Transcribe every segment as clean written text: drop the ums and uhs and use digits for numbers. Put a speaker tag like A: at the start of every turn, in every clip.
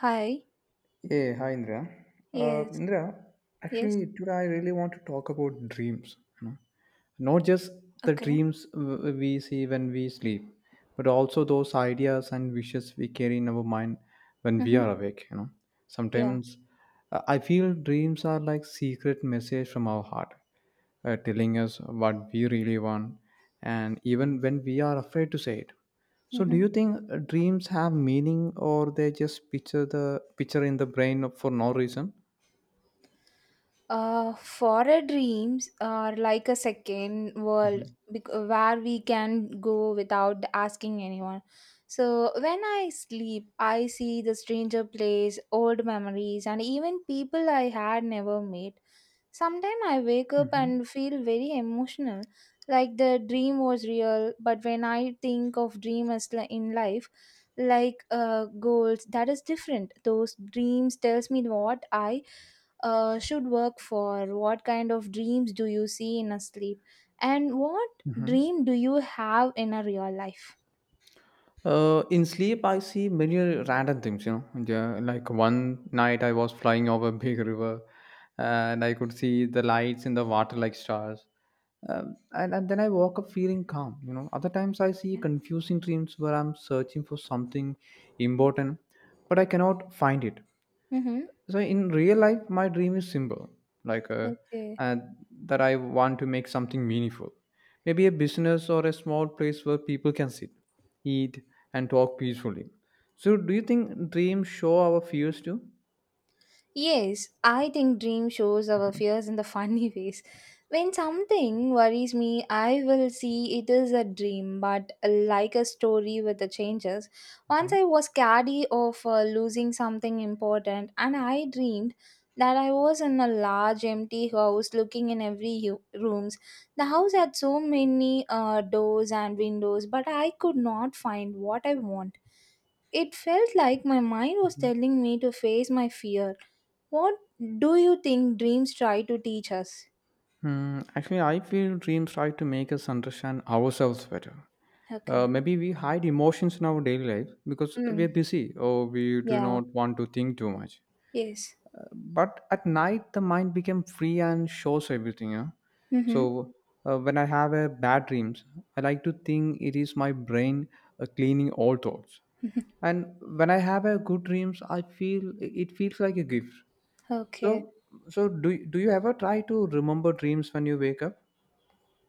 A: Hi.
B: Hey, hi Indra. Uh,
A: Yes.
B: Indra,
A: Yes.
B: actually, today I really want to talk about dreams. You know? Not just the
A: Okay.
B: dreams we see when we sleep, but also those ideas and wishes we carry in our mind when we
A: Mm-hmm.
B: are awake. You know,
A: Yeah.
B: sometimes I feel dreams are like secret message from our heart, telling us what we really want, and even when we are afraid to say it. So, do
A: Mm-hmm.
B: you think dreams have meaning, or they just picture the picture in the brain for no reason?
A: Forest dreams are like a second world
B: Mhm.
A: where we can go without asking anyone. So when I sleep, I see the stranger place, old memories, and even people I had never met. Sometimes I wake up
B: Hmm.
A: and feel very emotional, like the dream was real. But when I think of dream as in life, like goals, that is different. Those dreams tells me what I should work for. What kind of dreams do you see in a sleep, and what
B: Hmm.
A: dream do you have in a real life?
B: In sleep, I see many random things. You know, yeah, like one night I was flying over a big river, and I could see the lights in the water like stars. And then I woke up feeling calm. You know, other times I see
A: Okay.
B: confusing dreams where I'm searching for something important, but I cannot find it.
A: Mm-hmm.
B: So in real life my dream is simple, like
A: Okay.
B: uh, that I want to make something meaningful, maybe a business or a small place where people can sit, eat, and talk peacefully. So do you think dreams show our fears too?
A: Yes, I think dream shows our fears in the funny ways. When something worries me, I will see it is a dream, but like a story with the changes. Once
B: Mhm.
A: I was scared of losing something important, and I dreamed that I was in a large empty house looking in every rooms. The house had so many doors and windows, but I could not find what I want. It felt like my mind was
B: Mhm.
A: telling me to face my fear. What do you think dreams try to teach us?
B: Hmm, actually, I feel dreams try to make us understand ourselves better.
A: Okay.
B: Maybe we hide emotions in our daily life because we're
A: Mm.
B: busy or we do
A: Yeah.
B: not want to think too much.
A: Yes.
B: But at night the mind became free and shows everything, yeah.
A: Mm-hmm.
B: So when I have a bad dreams, I like to think it is my brain cleaning all thoughts, and when I have a good dreams I feel it feels like a gift.
A: Okay.
B: So so do, do you ever try to remember dreams when you wake up?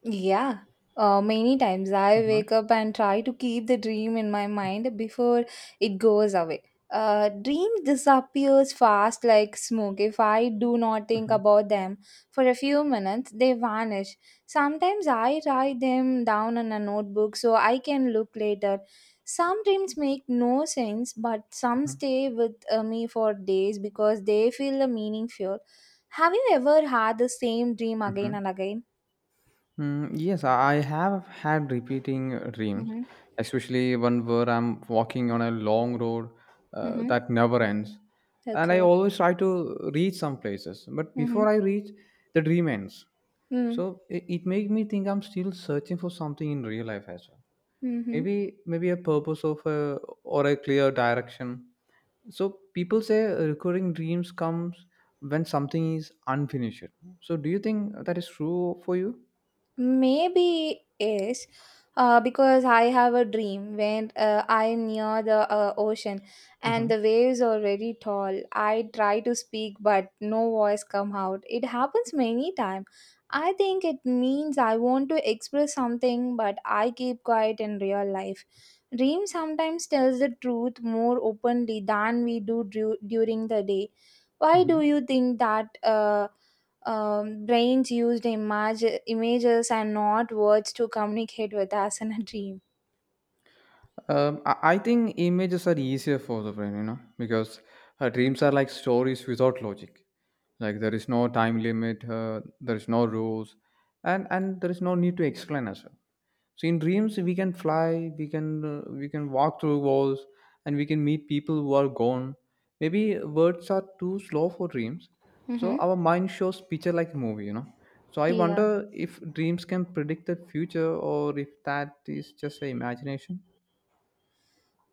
A: Yeah, many times I
B: Uh-huh.
A: wake up and try to keep the dream in my mind before it goes away. Dreams disappears fast like smoke. If I do not think about them for a few minutes, they vanish. Sometimes I write them down in a notebook so I can look later. Some dreams make no sense, but some stay with me for days because they feel the meaningful. Have you ever had the same dream again
B: Hmm.
A: and again?
B: Mm, yes, I have had repeating dreams,
A: Mm-hmm.
B: especially one where I'm walking on a long road
A: Mm-hmm.
B: that never ends. And I
A: Okay.
B: always try to reach some places, but
A: Mm-hmm.
B: before I reach, the dream ends.
A: Mm.
B: So it makes me think I'm still searching for something in real life as well.
A: Mm-hmm.
B: Maybe a purpose of a, or a clear direction. So people say recurring dreams comes when something is unfinished. So do you think that is true for you?
A: Maybe is because I have a dream when I'm near the ocean
B: Hmm.
A: and the waves are very tall. I try to speak, but no voice come out. It happens many time. I think it means I want to express something, but I keep quiet in real life. Dream sometimes tells the truth more openly than we do during the day. Why
B: Hmm.
A: do you think that? Brains used images and not words to communicate with us in a dream.
B: I think images are easier for the brain, you know, because dreams are like stories without logic. Like there is no time limit, there is no rules, and there is no need to explain as well. So in dreams, we can fly, we can walk through walls, and we can meet people who are gone. Maybe words are too slow for dreams, so
A: Mm-hmm.
B: our mind shows picture like a movie, you know. So I
A: Yeah.
B: wonder if dreams can predict the future or if that is just a imagination.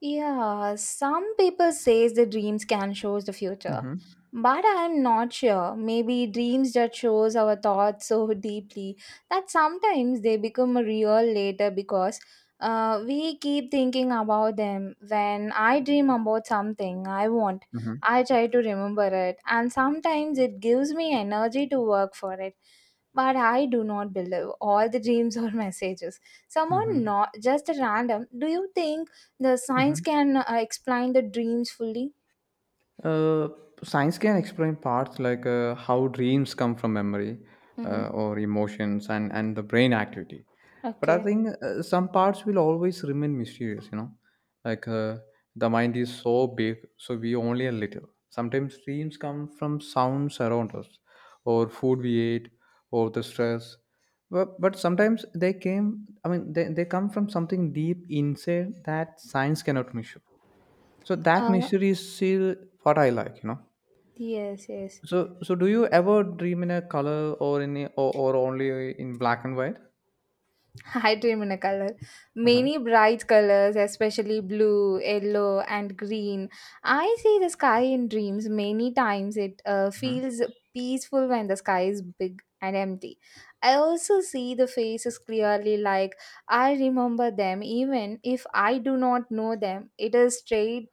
A: Yeah. Some people says the dreams can shows the future.
B: Mhm.
A: But I'm not sure. Maybe dreams that shows our thoughts so deeply that sometimes they become real later because we keep thinking about them. When I dream about something I want,
B: Mhm.
A: I try to remember it, and sometimes it gives me energy to work for it. But I do not believe all the dreams or messages. Someone
B: Mhm.
A: not just a random. Do you think the science
B: Mhm.
A: can explain the dreams fully?
B: Uh, Science can explain parts like how dreams come from memory
A: Mm-hmm.
B: or emotions and the brain activity. But I
A: Okay.
B: think some parts will always remain mysterious, you know. Like the mind is so big, so we only a little. Sometimes dreams come from sounds around us, or food we ate, or the stress. But sometimes they came, I mean, they come from something deep inside that science cannot measure. So that
A: Uh,
B: mystery is still what I like, you know.
A: yes, yes.
B: So do you ever dream in a color or in a, or only in black and white?
A: I dream in a color.
B: Uh-huh.
A: Many bright colors, especially blue, yellow, and green. I see the sky in dreams many times. It
B: Hmm.
A: feels peaceful when the sky is big and empty. I also see the faces clearly, like I remember them even if I do not know them. It is strange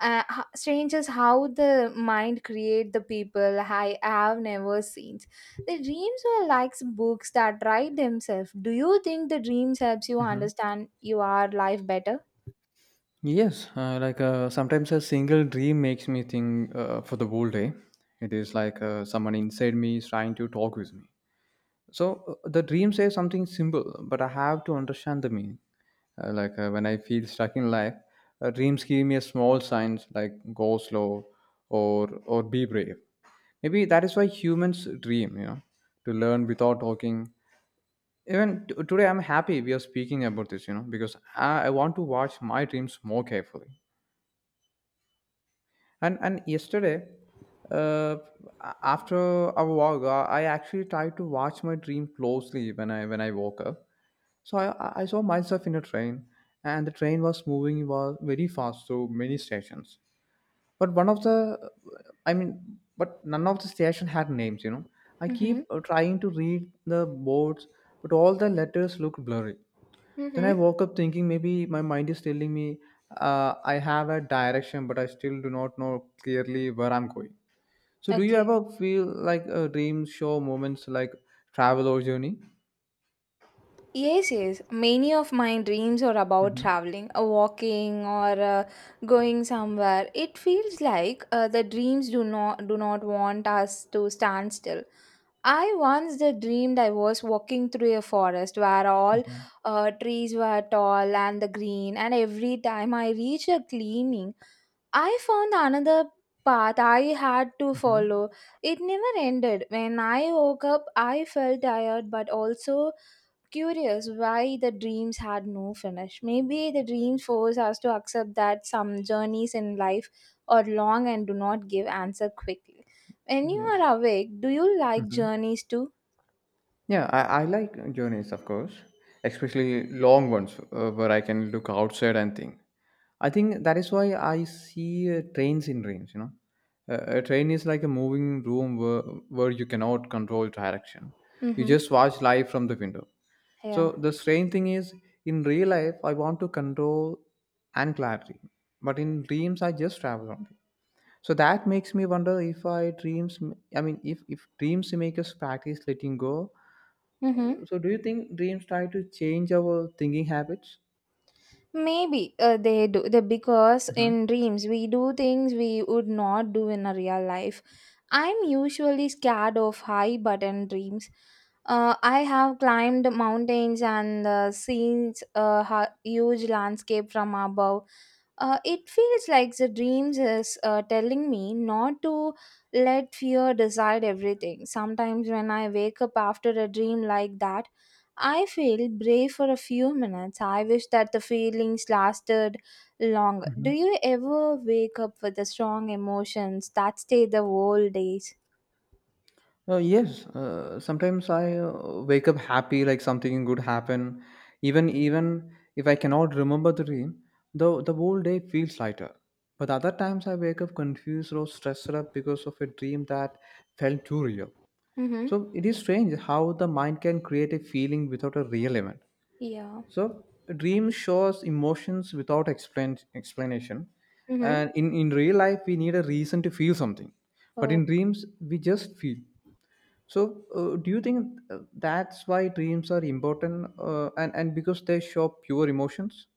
A: strange is how the mind create the people I have never seen. The dreams are like books that write themselves. Do you think the dreams helps you
B: Hmm.
A: understand your life better?
B: Yes, like sometimes a single dream makes me think for the whole day. It is like someone inside me is trying to talk with me. So the dream says something simple, but I have to understand the meaning. Like when I feel stuck in life, dreams give me a small signs like go slow or be brave. Maybe that is why humans dream, you know, to learn without talking. Even today, I'm happy we are speaking about this, you know, because I want to watch my dreams more carefully. And yesterday, uh, after a walk, I actually tried to watch my dream closely when I woke up. So I saw myself in a train, and the train was moving was very fast through many stations. But one of the, I mean, but none of the station had names. You know, I
A: Mm-hmm.
B: keep trying to read the boards, but all the letters looked blurry. Then I
A: Mm-hmm.
B: woke up thinking maybe my mind is telling me I have a direction, but I still do not know clearly where I'm going. So, do you
A: Okay.
B: ever feel like a dream show moments like travel or journey?
A: Yes, yes. Many of my dreams are about
B: Mm-hmm.
A: traveling, walking, or going somewhere. It feels like the dreams do not want us to stand still. I once did dreamed I was walking through a forest where all
B: Mm-hmm.
A: trees were tall and the green, and every time I reached a cleaning, I found another path I had to
B: Hmm.
A: follow. It never ended. When I woke up, I felt tired but also curious why the dreams had no finish. Maybe the dreams force us to accept that some journeys in life are long and do not give answer quickly. When you
B: Yes.
A: are awake, do you like
B: Mm-hmm.
A: journeys too?
B: Yeah, I like journeys, of course, especially long ones where I can look outside and think. I think that is why I see trains in trains. You know, a train is like a moving room where you cannot control direction. You
A: Mm-hmm.
B: just watch live from the window. So
A: Yeah.
B: the strange thing is, in real life, I want to control and clarity, but in dreams, I just travel only. So that makes me wonder if I dreams. M- I mean, if dreams make us practice letting go.
A: Mm-hmm.
B: So do you think dreams try to change our thinking habits?
A: Maybe they do, because in dreams we do things we would not do in a real life. I'm usually scared of high, but in dreams, I have climbed mountains and seen a huge landscape from above. It feels like the dreams is telling me not to let fear decide everything. Sometimes when I wake up after a dream like that. I feel brave for a few minutes. I wish that the feelings lasted longer. Do
B: Hmm.
A: you ever wake up with the strong emotions that stay the whole days?
B: Yes, sometimes I wake up happy, like something good happened. Even if I cannot remember the dream, the whole day feels lighter. But other times I wake up confused or stressed up because of a dream that felt too real.
A: Mm-hmm.
B: So it is strange how the mind can create a feeling without a real event.
A: Yeah.
B: So a dream shows emotions without explanation,
A: Mm-hmm.
B: and in real life we need a reason to feel something, but in
A: Okay.
B: dreams we just feel. So, do you think that's why dreams are important, and because they show pure emotions?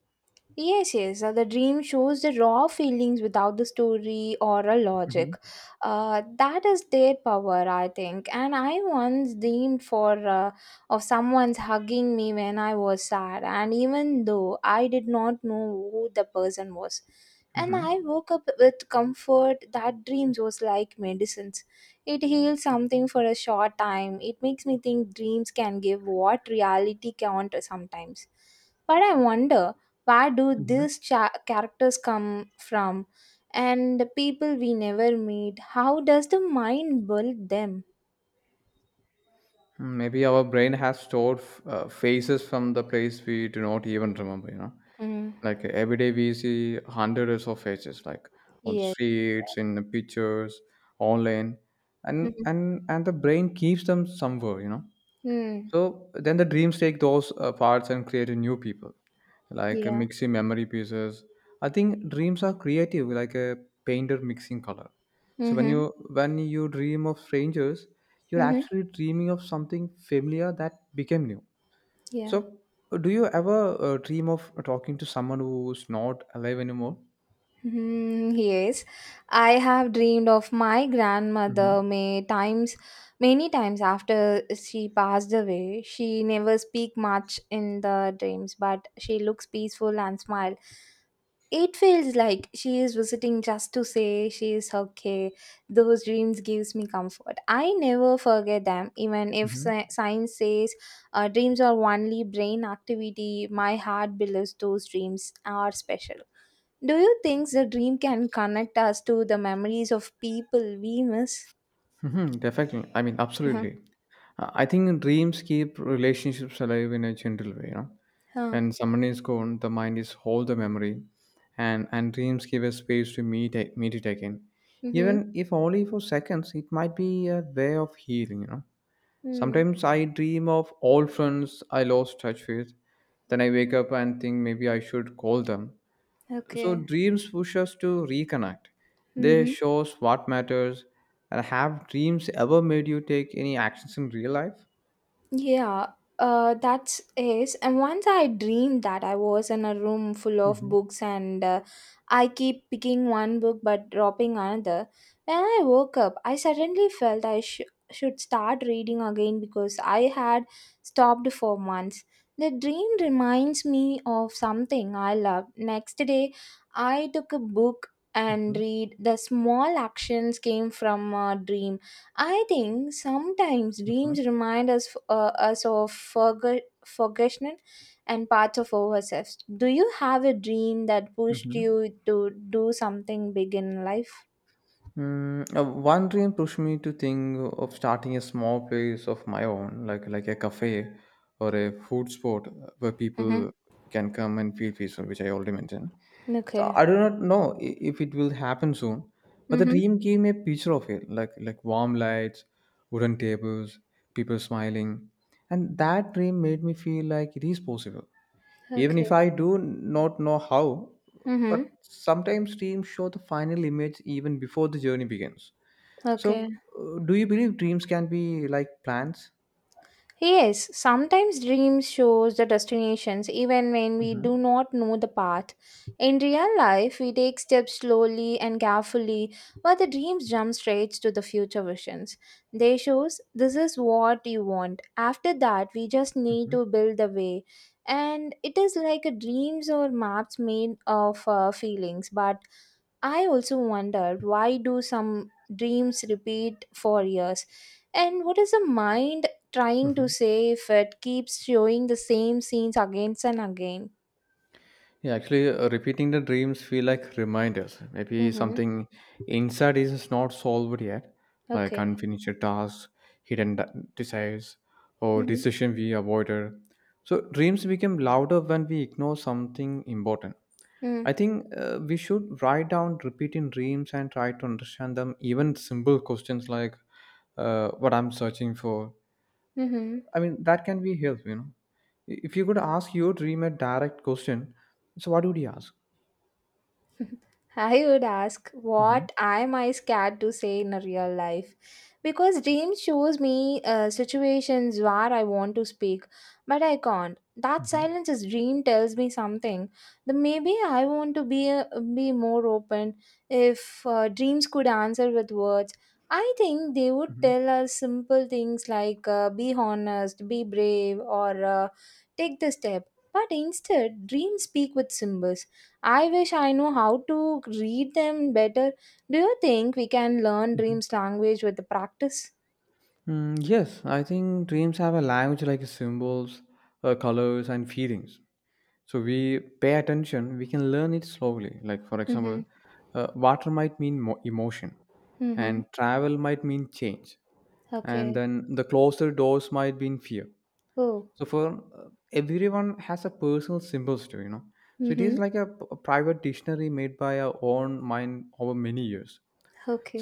A: Yes, yes. The dream shows the raw feelings without the story or a logic.
B: Hmm.
A: That is their power, I think. And I once dreamed for of someone's hugging me when I was sad, and even though I did not know who the person was, and I
B: Hmm.
A: woke up with comfort. That dreams was like medicines. It heals something for a short time. It makes me think dreams can give what reality can't sometimes. But I wonder where do
B: Hmm.
A: these characters come from, and the people we never meet, how does the mind build them?
B: Maybe our brain has stored faces from the place we do not even remember. You know,
A: Mm.
B: like every day we see hundreds of faces, like on the
A: Yes.
B: streets, in the pictures, online, and
A: Mm-hmm.
B: and and the brain keeps them somewhere. You know,
A: Mm,
B: so then the dreams take those parts and create a new people, like
A: yeah.
B: mixing memory pieces. I think dreams are creative, like a painter mixing color. So when
A: Mm-hmm.
B: you when you dream of strangers, you're
A: Mm-hmm.
B: actually dreaming of something familiar that became new.
A: Yeah.
B: So do you ever dream of talking to someone who's not alive anymore?
A: Hmm. Yes. I have dreamed of my
B: Mm-hmm.
A: grandmother many times after she passed away. She never speak much in the dreams, but she looks peaceful and smile. It feels like she is visiting just to say she is okay. Those dreams gives me comfort. I never forget them, even if science says dreams are only brain activity. My heart believes those dreams are special. Do you think the dream can connect us to the memories of people we miss?
B: Hmm. Definitely. I mean, absolutely. I think dreams keep relationships alive in a gentle way. You know,
A: Uh-huh.
B: when someone is gone, the mind is hold the memory, and dreams give a space to meet it again,
A: Mm-hmm.
B: even if only for seconds. It might be a way of healing. You know,
A: Mm,
B: sometimes I dream of old friends I lost touch with, then I wake up and think maybe I should call them. So
A: okay.
B: dreams push us to reconnect. They
A: Mm-hmm.
B: show us what matters. And have dreams ever made you take any actions in real life?
A: Yeah, that's is. And once I dreamed that I was in a room full of
B: Hmm.
A: books and I keep picking one book but dropping another. When I woke up, I suddenly felt I should start reading again because I had stopped for months. The dream reminds me of something I loved. Next day, I took a book and
B: Mhm.
A: read. The small actions came from a dream. I think sometimes dreams
B: Mhm.
A: remind us of forgotten and parts of ourselves. Do you have a dream that pushed
B: Mhm.
A: you to do something big in life?
B: Mm, one dream pushed me to think of starting a small place of my own, like a cafe or a food spot where
A: Mm-hmm.
B: people can come and feel peaceful, which I already mentioned. So
A: Okay.
B: I do not know if it will happen soon, but the
A: Mm-hmm.
B: dream gave me a picture of it, like warm lights, wooden tables, people smiling, and that dream made me feel like it is possible, even
A: Okay.
B: if I do not know how. But
A: Mm-hmm.
B: sometimes dreams show the final image even before the journey begins.
A: Okay.
B: So, do you believe dreams can be like plans?
A: Yes, sometimes dreams shows the destinations even when we
B: Mm-hmm.
A: do not know the path. In real life, we take steps slowly and carefully, but the dreams jump straight to the future visions. They shows this is what you want. After that, we just need to build the way. And it is like a dreams or maps made of feelings, but I also wondered, why do some dreams repeat for years and what is the mind trying to
B: Mm-hmm.
A: say if it keeps showing the same scenes again and again?
B: Yeah, actually, repeating the dreams feel like reminders. Maybe
A: Mm-hmm.
B: something inside is not solved yet, like
A: Okay.
B: unfinished tasks, hidden desires, or
A: Mm-hmm.
B: decision we avoided. So dreams become louder when we ignore something important. I think we should write down repeating dreams and try to understand them. Even simple questions like what I'm searching for.
A: Mm-hmm.
B: I mean, that can be helpful. You know, if you could ask your dream a direct question, so what would you ask?
A: I would ask,
B: Mhm.
A: what am I scared to say in a real life, because dreams shows me situations where I want to speak but I can't. That
B: Mhm.
A: silence is dream tells me something. Then maybe I want to be more open. If dreams could answer with words, I think they would
B: Mhm.
A: tell us simple things like be honest, be brave, or take the step. But instead, dreams speak with symbols. I wish I know how to read them better. Do you think we can learn
B: Mhm.
A: dreams language with the practice?
B: Mm, yes, I think dreams have a language like symbols, colors, and feelings. So we pay attention, we can learn it slowly. Like, for
A: Mm-hmm.
B: example, water might mean emotion,
A: Mm-hmm.
B: and travel might mean change, and
A: Okay.
B: then the closer doors might mean fear.
A: Oh.
B: So, for everyone has a personal symbols too, you know. So it is
A: Mm-hmm.
B: like a private dictionary made by our own mind over many years.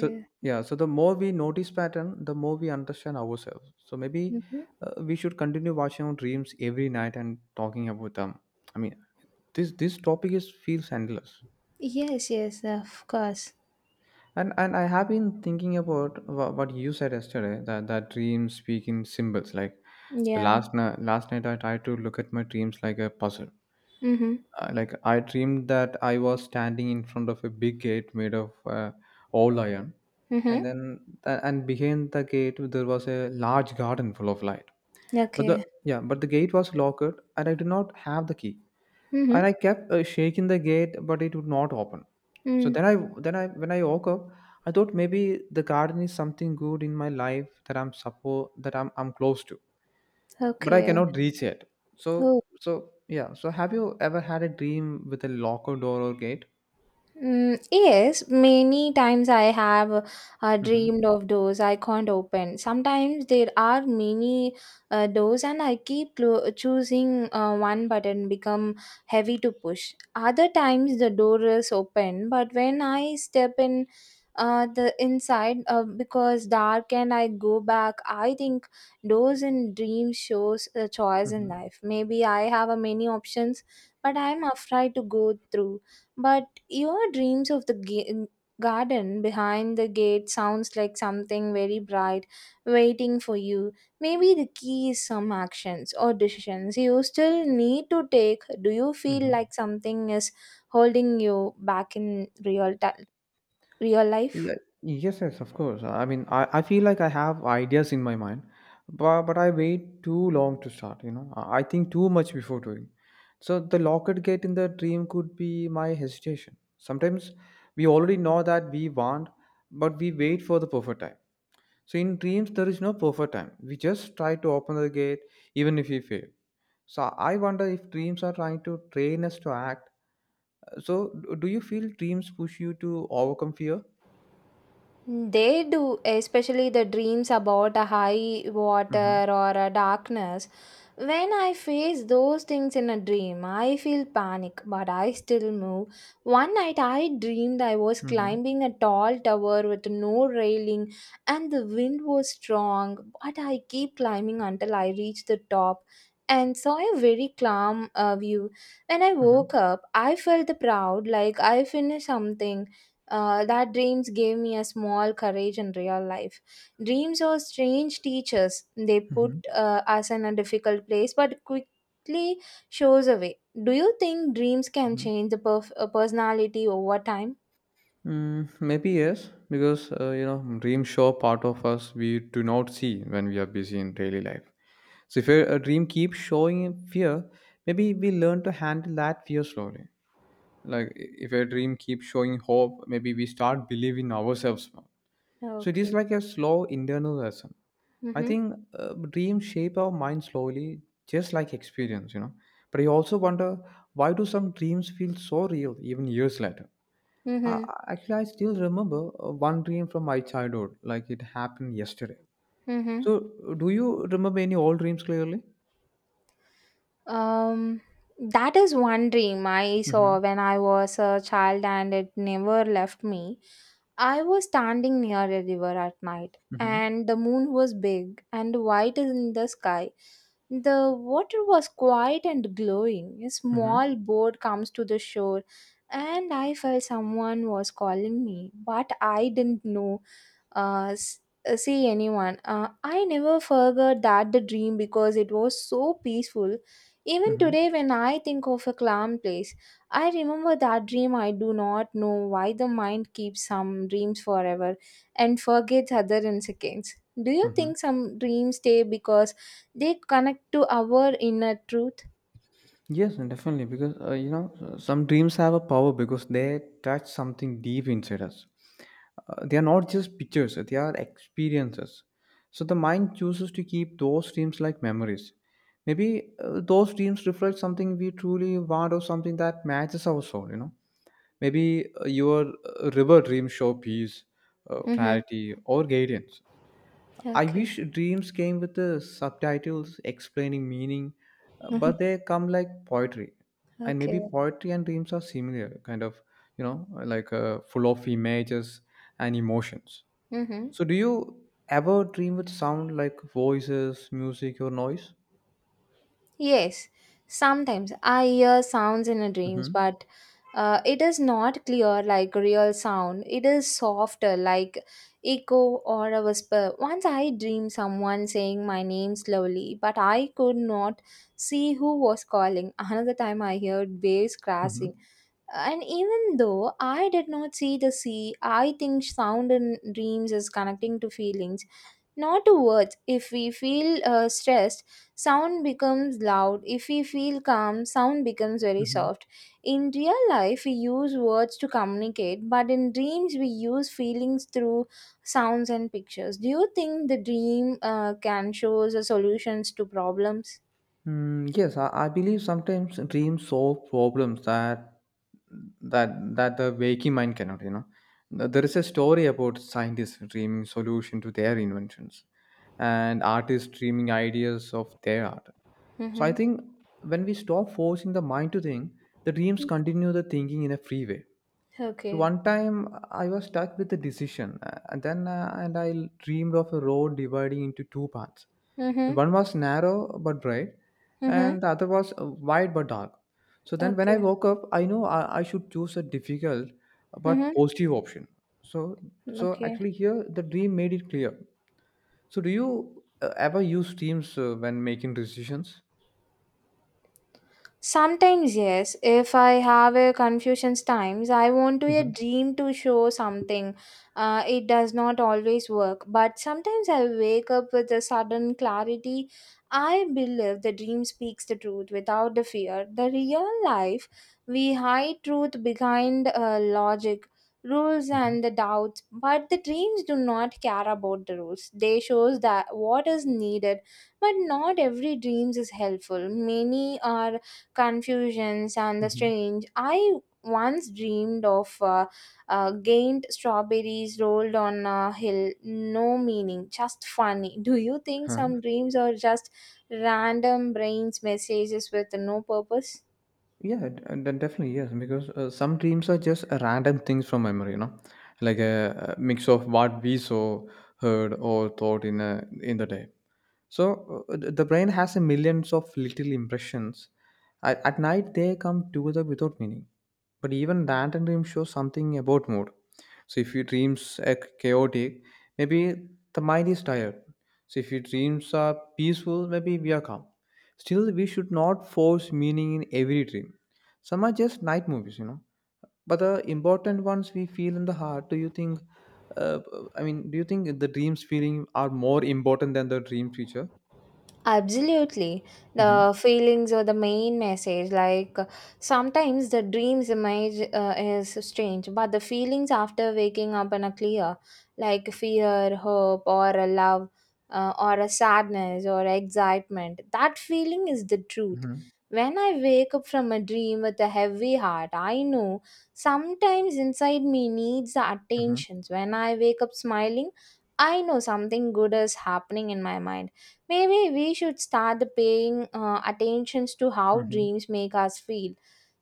B: so yeah so the more we notice pattern, the more we understand ourselves, so maybe
A: Mm-hmm.
B: we should continue watching our dreams every night and talking about them. I mean this this topic is feels endless,
A: Yes, yes, of course.
B: and I have been thinking about what you said yesterday, that dreams speak in symbols. Like the
A: Yeah.
B: last night I tried to look at my dreams like a puzzle.
A: Mm-hmm.
B: Like I dreamed that I was standing in front of a big gate made of all iron, and
A: Mm-hmm.
B: then and behind the gate there was a large garden full of light. but the
A: Okay.
B: yeah but the gate was locked and I did not have the key,
A: Mm-hmm.
B: and I kept shaking the gate, but it would not open. so
A: Mm.
B: then i then i when I woke up, I thought maybe the garden is something good in my life that I'm suppo that I'm close to, but I
A: Okay.
B: cannot reach it. so
A: Oh.
B: so yeah so have you ever had a dream with a locked door or gate?
A: Mm, yes, many times I have
B: Mm-hmm.
A: dreamed of doors I can't open. Sometimes there are many doors, and I keep choosing one button become heavy to push. Other times the door is open, but when I step in the inside because dark and I go back. I think doors in dreams shows a choice in
B: Mm-hmm.
A: life. Maybe I have a many options, but I'm afraid to go through. But your dreams of the garden behind the gate sounds like something very bright waiting for you. Maybe the key is some actions or decisions you still need to take. Do you feel
B: Mm-hmm.
A: like something is holding you back in real
B: Yeah,
A: life?
B: yes, yes, of course. I mean, I feel like I have ideas in my mind, but I wait too long to start, you know. I think too much before doing. So the locket gate in the dream could be my hesitation. Sometimes we already know that we want, but we wait for the perfect time. So in dreams, there is no perfect time. We just try to open the gate, even if we fail. So I wonder if dreams are trying to train us to act. So do you feel dreams push you to overcome fear?
A: They do, especially the dreams about a high
B: Mm-hmm.
A: water or a darkness. When I face those things in a dream, I feel panic, but I still move. One night I dreamed I was
B: Mm-hmm.
A: climbing a tall tower with no railing and the wind was strong, but I keep climbing until I reached the top and saw a very calm view. When I woke
B: Mhm.
A: up, I felt proud like I finished something. That dreams gave me a small courage in real life. Dreams are strange teachers. They put
B: Mhm.
A: us in a difficult place, but quickly shows away. Do you think dreams can
B: Mhm.
A: change the personality over time?
B: Mm, maybe yes, because you know, dreams show part of us we do not see when we are busy in daily life. So if a dream keeps showing in fear, maybe we learn to handle that fear slowly. Like if a dream keeps showing hope, maybe we start believing ourselves more. So it
A: Okay.
B: is like a slow internal lesson. I
A: Mm-hmm.
B: think dreams shape our mind slowly, just like experience, you know. But I also wonder, why do some dreams feel so real even years later? Uh,
A: Mm-hmm.
B: Actually, I still remember one dream from my childhood, like it happened yesterday.
A: Mm-hmm.
B: So, do you remember any old dreams clearly?
A: Um, that is one dream I
B: Mm-hmm.
A: saw when I was a child and it never left me. I was standing near a river at night
B: Mm-hmm.
A: and the moon was big and white in the sky. The water was quiet and glowing. A
B: Mm-hmm.
A: small boat comes to the shore and I felt someone was calling me, but I didn't know uh, s- see anyone. I never forgot that the dream because it was so peaceful even
B: Mm-hmm.
A: today, when I think of a calm place, I remember that dream. I do not know why the mind keeps some dreams forever and forgets other in seconds. Do you
B: Mm-hmm.
A: think some dreams stay because they connect to our inner truth?
B: Yes, and definitely, because you know, some dreams have a power because they touch something deep inside us. They are not just pictures; they are experiences. So the mind chooses to keep those dreams like memories. Maybe those dreams reflect something we truly want, or something that matches our soul, you know. Maybe your river dreams show peace,
A: Mm-hmm.
B: clarity, or guidance. I
A: Okay.
B: wish dreams came with the subtitles explaining meaning, but they come like poetry. And maybe
A: Okay.
B: poetry and dreams are similar, kind of, you know, like full of images and emotions.
A: Mm-hmm.
B: So, do you ever dream with sound, like voices, music, or noise?
A: Yes, sometimes I hear sounds in a dreams,
B: Mm-hmm.
A: but it is not clear like real sound. It is softer like echo or a whisper. Once I dreamed someone saying my name slowly, but I could not see who was calling. Another time I heard waves crashing. And even though I did not see the sea, I think sound in dreams is connecting to feelings not to words. If we feel stressed, sound becomes loud. If we feel calm, sound becomes very
B: Mm-hmm.
A: soft. In real life we use words to communicate, but in dreams we use feelings through sounds and pictures. Do you think the dream can show us the solutions to problems?
B: Mm, yes, I believe sometimes dreams solve problems that that the waking mind cannot. You know, there is a story about scientists dreaming solution to their inventions, and artists dreaming ideas of their art. So I
A: Mm-hmm.
B: think when we stop forcing the mind to think, the dreams continue the thinking in a free way. So
A: Okay.
B: one time I was stuck with a decision, and dreamed of a road dividing into two paths.
A: Mm-hmm.
B: One was narrow but bright,
A: Mm-hmm.
B: and the other was wide but dark. So then when I
A: Okay.
B: woke up, I know I should choose a difficult
A: Mm-hmm.
B: but positive option. So so
A: Okay.
B: actually here the dream made it clear. So do you ever use dreams when making decisions?
A: Sometimes, yes. If I have a confusions times, I want to a
B: Hmm.
A: dream to show something. It does not always work, but sometimes I wake up with a sudden clarity. I believe the dream speaks the truth without the fear. The real life, we hide truth behind logic, rules,
B: Hmm.
A: and the doubts. But the dreams do not care about the rules. They shows that what is needed, but not every dreams is helpful. Many are confusions and the strange. I once dreamed of gained strawberries rolled on a hill, no meaning, just funny. Do you think
B: Hmm.
A: some dreams are just random brain's messages with no purpose?
B: Yeah, d- and then definitely yes, because some dreams are just random things from memory, you know, like a mix of what we saw, heard, or thought in the day. So the brain has a millions of little impressions. At night, they come together without meaning. But even random dreams show something about mood. So if your dreams are chaotic, maybe the mind is tired. So if your dreams are peaceful, maybe we are calm. Still, we should not force meaning in every dream. Some are just night movies, you know. But the important ones we feel in the heart. Do you think? Uh, do you think the dreams feeling are more important than the dream feature?
A: Absolutely.
B: Mhm.
A: The feelings are the main message. Like sometimes the dreams image is strange, but the feelings after waking up and are clear, like fear, hope, or a love, or a sadness, or excitement. That feeling is the truth.
B: Mhm.
A: When I wake up from a dream with a heavy heart, I know sometimes inside me needs the
B: Mhm.
A: attentions. When I wake up smiling, I know something good is happening in my mind. Maybe we should start the paying attentions to how
B: Mhm.
A: dreams make us feel,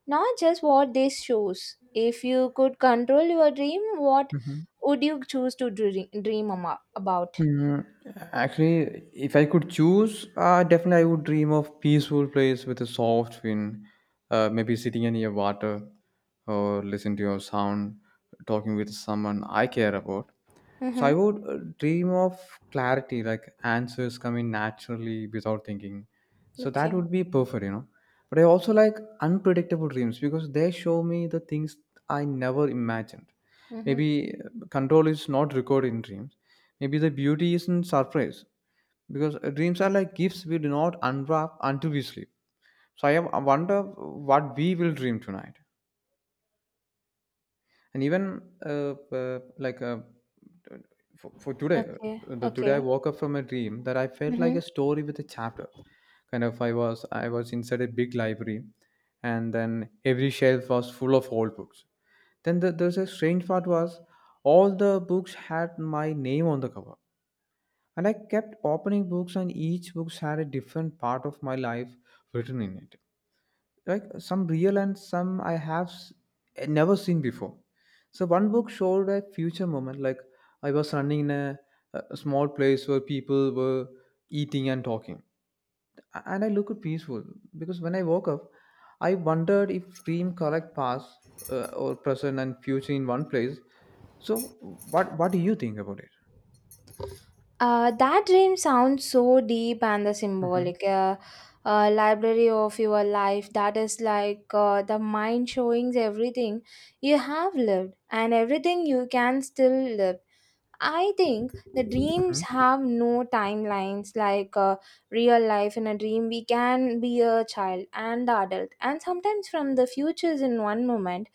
A: not just what they shows. If you could control your dream, what
B: Mhm.
A: would you choose to dream about?
B: Mm, actually, if I could choose, definitely I would dream of peaceful place with a soft wind, maybe sitting near water, or listen to your sound, talking with someone I care about. So I
A: Mm-hmm.
B: would dream of clarity, like answers coming naturally without thinking. So that
A: Okay.
B: would be perfect, you know. But I also like unpredictable dreams because they show me the things I never imagined.
A: Mm-hmm.
B: Maybe control is not recorded in dreams. Maybe the beauty isn't surprise, because dreams are like gifts we do not unwrap until we sleep. So I wonder what we will dream tonight, and even for today,
A: Okay.
B: the today I
A: Okay.
B: woke up from a dream that I felt like
A: Mm-hmm.
B: a story with a chapter, kind of. I was inside a big library, and then every shelf was full of old books. Then there's a strange part was all the books had my name on the cover, and I kept opening books and each books had a different part of my life written in it. Like some real, and some I have never seen before. So one book showed a future moment, like I was running in a small place where people were eating and talking, and I looked peaceful. Because when I woke up, I wondered if dream collect past or present and future in one place. So what do you think about it?
A: That dream sounds so deep and the
B: Hmm.
A: symbolic. Library of your life, that is like the mind showing everything you have lived and everything you can still live. I think the
B: Hmm.
A: dreams have no timelines like real life. In a dream, we can be a child and the adult, and sometimes from the futures in one moment.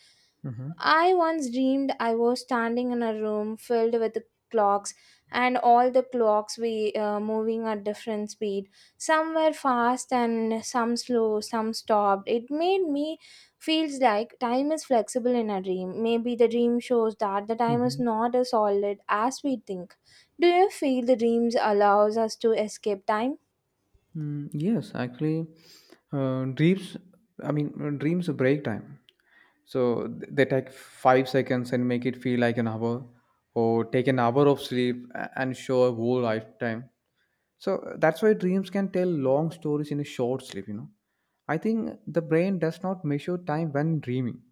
B: Hmm.
A: I once dreamed I was standing in a room filled with clocks, and all the clocks were moving at different speed. Some were fast and some slow, some stopped. It made me feels like time is flexible in a dream. Maybe the dream shows that the time is
B: Hmm.
A: not as solid as we think. Do you feel the dreams allows us to escape time?
B: Mm, yes, actually, uh, dreams. Dreams are break time. So they take 5 seconds and make it feel like an hour, or take an hour of sleep and show a whole lifetime. So that's why dreams can tell long stories in a short sleep, you know. I think the brain does not measure time when dreaming;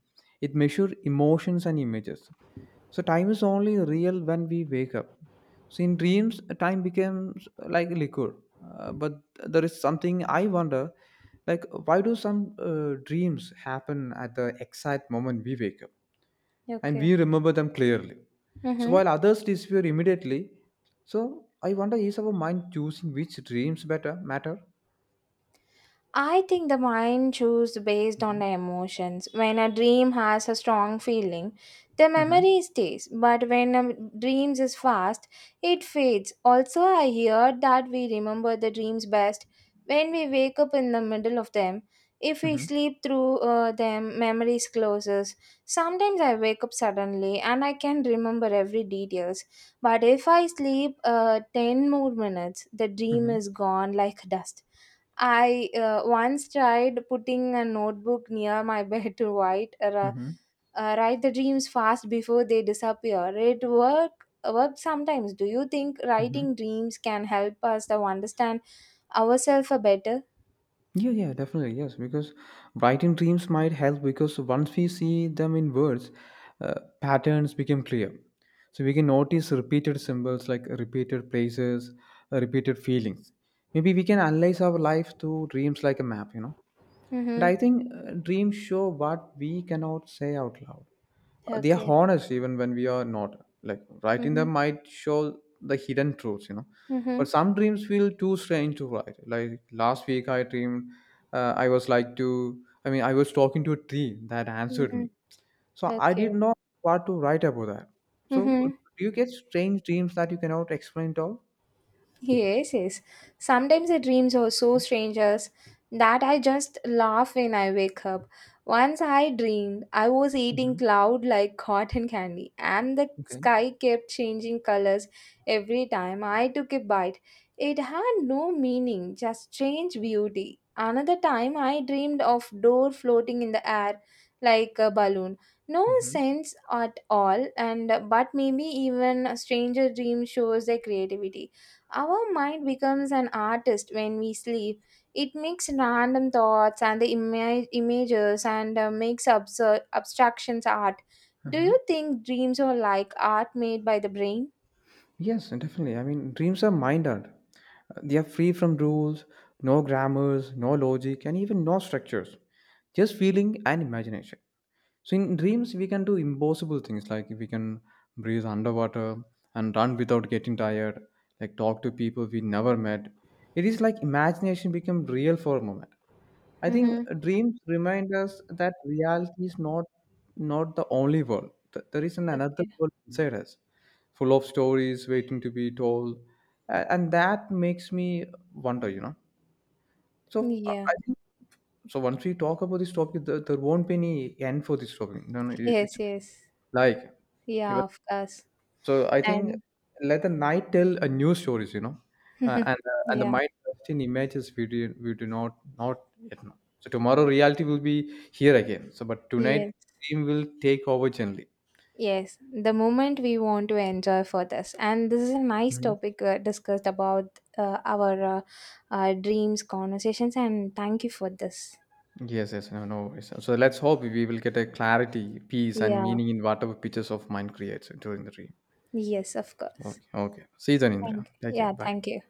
B: it measures emotions and images. So time is only real when we wake up. So in dreams, time becomes like liquid. But there is something I wonder, like why do some dreams happen at the exact moment we wake up, and
A: Okay.
B: we remember them clearly. So
A: Mm-hmm.
B: while others disappear immediately, so I wonder, is our mind choosing which dreams better matter?
A: I think the mind chooses based
B: Mm-hmm.
A: on the emotions. When a dream has a strong feeling, the
B: Mm-hmm.
A: memory stays. But when a dream is fast, it fades. Also, I heard that we remember the dreams best when we wake up in the middle of them. If we
B: Mm-hmm.
A: sleep through them, memories closes. Sometimes I wake up suddenly and I can remember every details. But if I sleep 10 more minutes, the dream
B: Mm-hmm.
A: is gone like dust. I once tried putting a notebook near my bed to write, write the dreams fast before they disappear. It work sometimes. Do you think
B: Mm-hmm.
A: writing dreams can help us to understand ourselves better?
B: Yeah, yeah, definitely. Yes, because writing dreams might help because once we see them in words, uh, patterns become clear. So we can notice repeated symbols like repeated places, repeated feelings. Maybe we can analyze our life through dreams like a map, you know. And
A: Mm-hmm.
B: I think dreams show what we cannot say out loud. They are
A: Okay.
B: honest even when we are not, like writing
A: Mm-hmm.
B: them might show the hidden truths, you know. But
A: Mm-hmm.
B: some dreams feel too strange to write. Like last week I dreamed uh, i was like to I was talking to a tree that answered
A: Mm-hmm.
B: me, so I
A: Okay.
B: didn't know what to write about that. So
A: Mm-hmm.
B: do you get strange dreams that you cannot explain at all?
A: Yes, yes. Sometimes the dreams are so strangers that I just laugh when I wake up. Once I dreamed I was eating
B: Hmm.
A: cloud like cotton candy, and the
B: Okay.
A: sky kept changing colors every time I took a bite. It had no meaning, just strange beauty. Another time I dreamed of door floating in the air like a balloon. No sense at all, and but maybe even a stranger dream shows their creativity. Our mind becomes an artist when we sleep. It makes random thoughts and the images and makes abstractions art. Do
B: Hmm.
A: you think dreams are like art made by the brain?
B: Yes, definitely. I mean, dreams are mind art. They are free from rules, no grammars, no logic, and even no structures. Just feeling and imagination. So in dreams, we can do impossible things, like we can breathe underwater and run without getting tired, like talk to people we never met. It is like imagination become real for a moment. I think
A: Mm-hmm.
B: dreams remind us that reality is not the only world. There is an another
A: Okay.
B: world inside us, full of stories waiting to be told. And that makes me wonder. You know, so
A: Yeah.
B: I think so. Once we talk about this topic, there won't be any end for this topic. No, no, it's
A: Yes, yes.
B: like. Even
A: Yeah, of course.
B: so I think
A: And
B: let the night tell a new stories, you know, and the
A: yeah,
B: mind just in images we do not yet know. So tomorrow reality will be here again. So but
A: yes,
B: tonight dream will take over gently.
A: yes. The moment we want to enjoy for this. And this is a nice
B: Mhm.
A: topic discussed about our dreams, conversations, and thank you for this.
B: Yes, yes, no, no worries. So let's hope we will get a clarity, peace, and
A: Yeah,
B: meaning in whatever pictures of mind creates during the dream.
A: yes, of course.
B: Okay, okay. See you then, Indra.
A: Thank,
B: Take care.
A: yeah,
B: Bye.
A: thank you.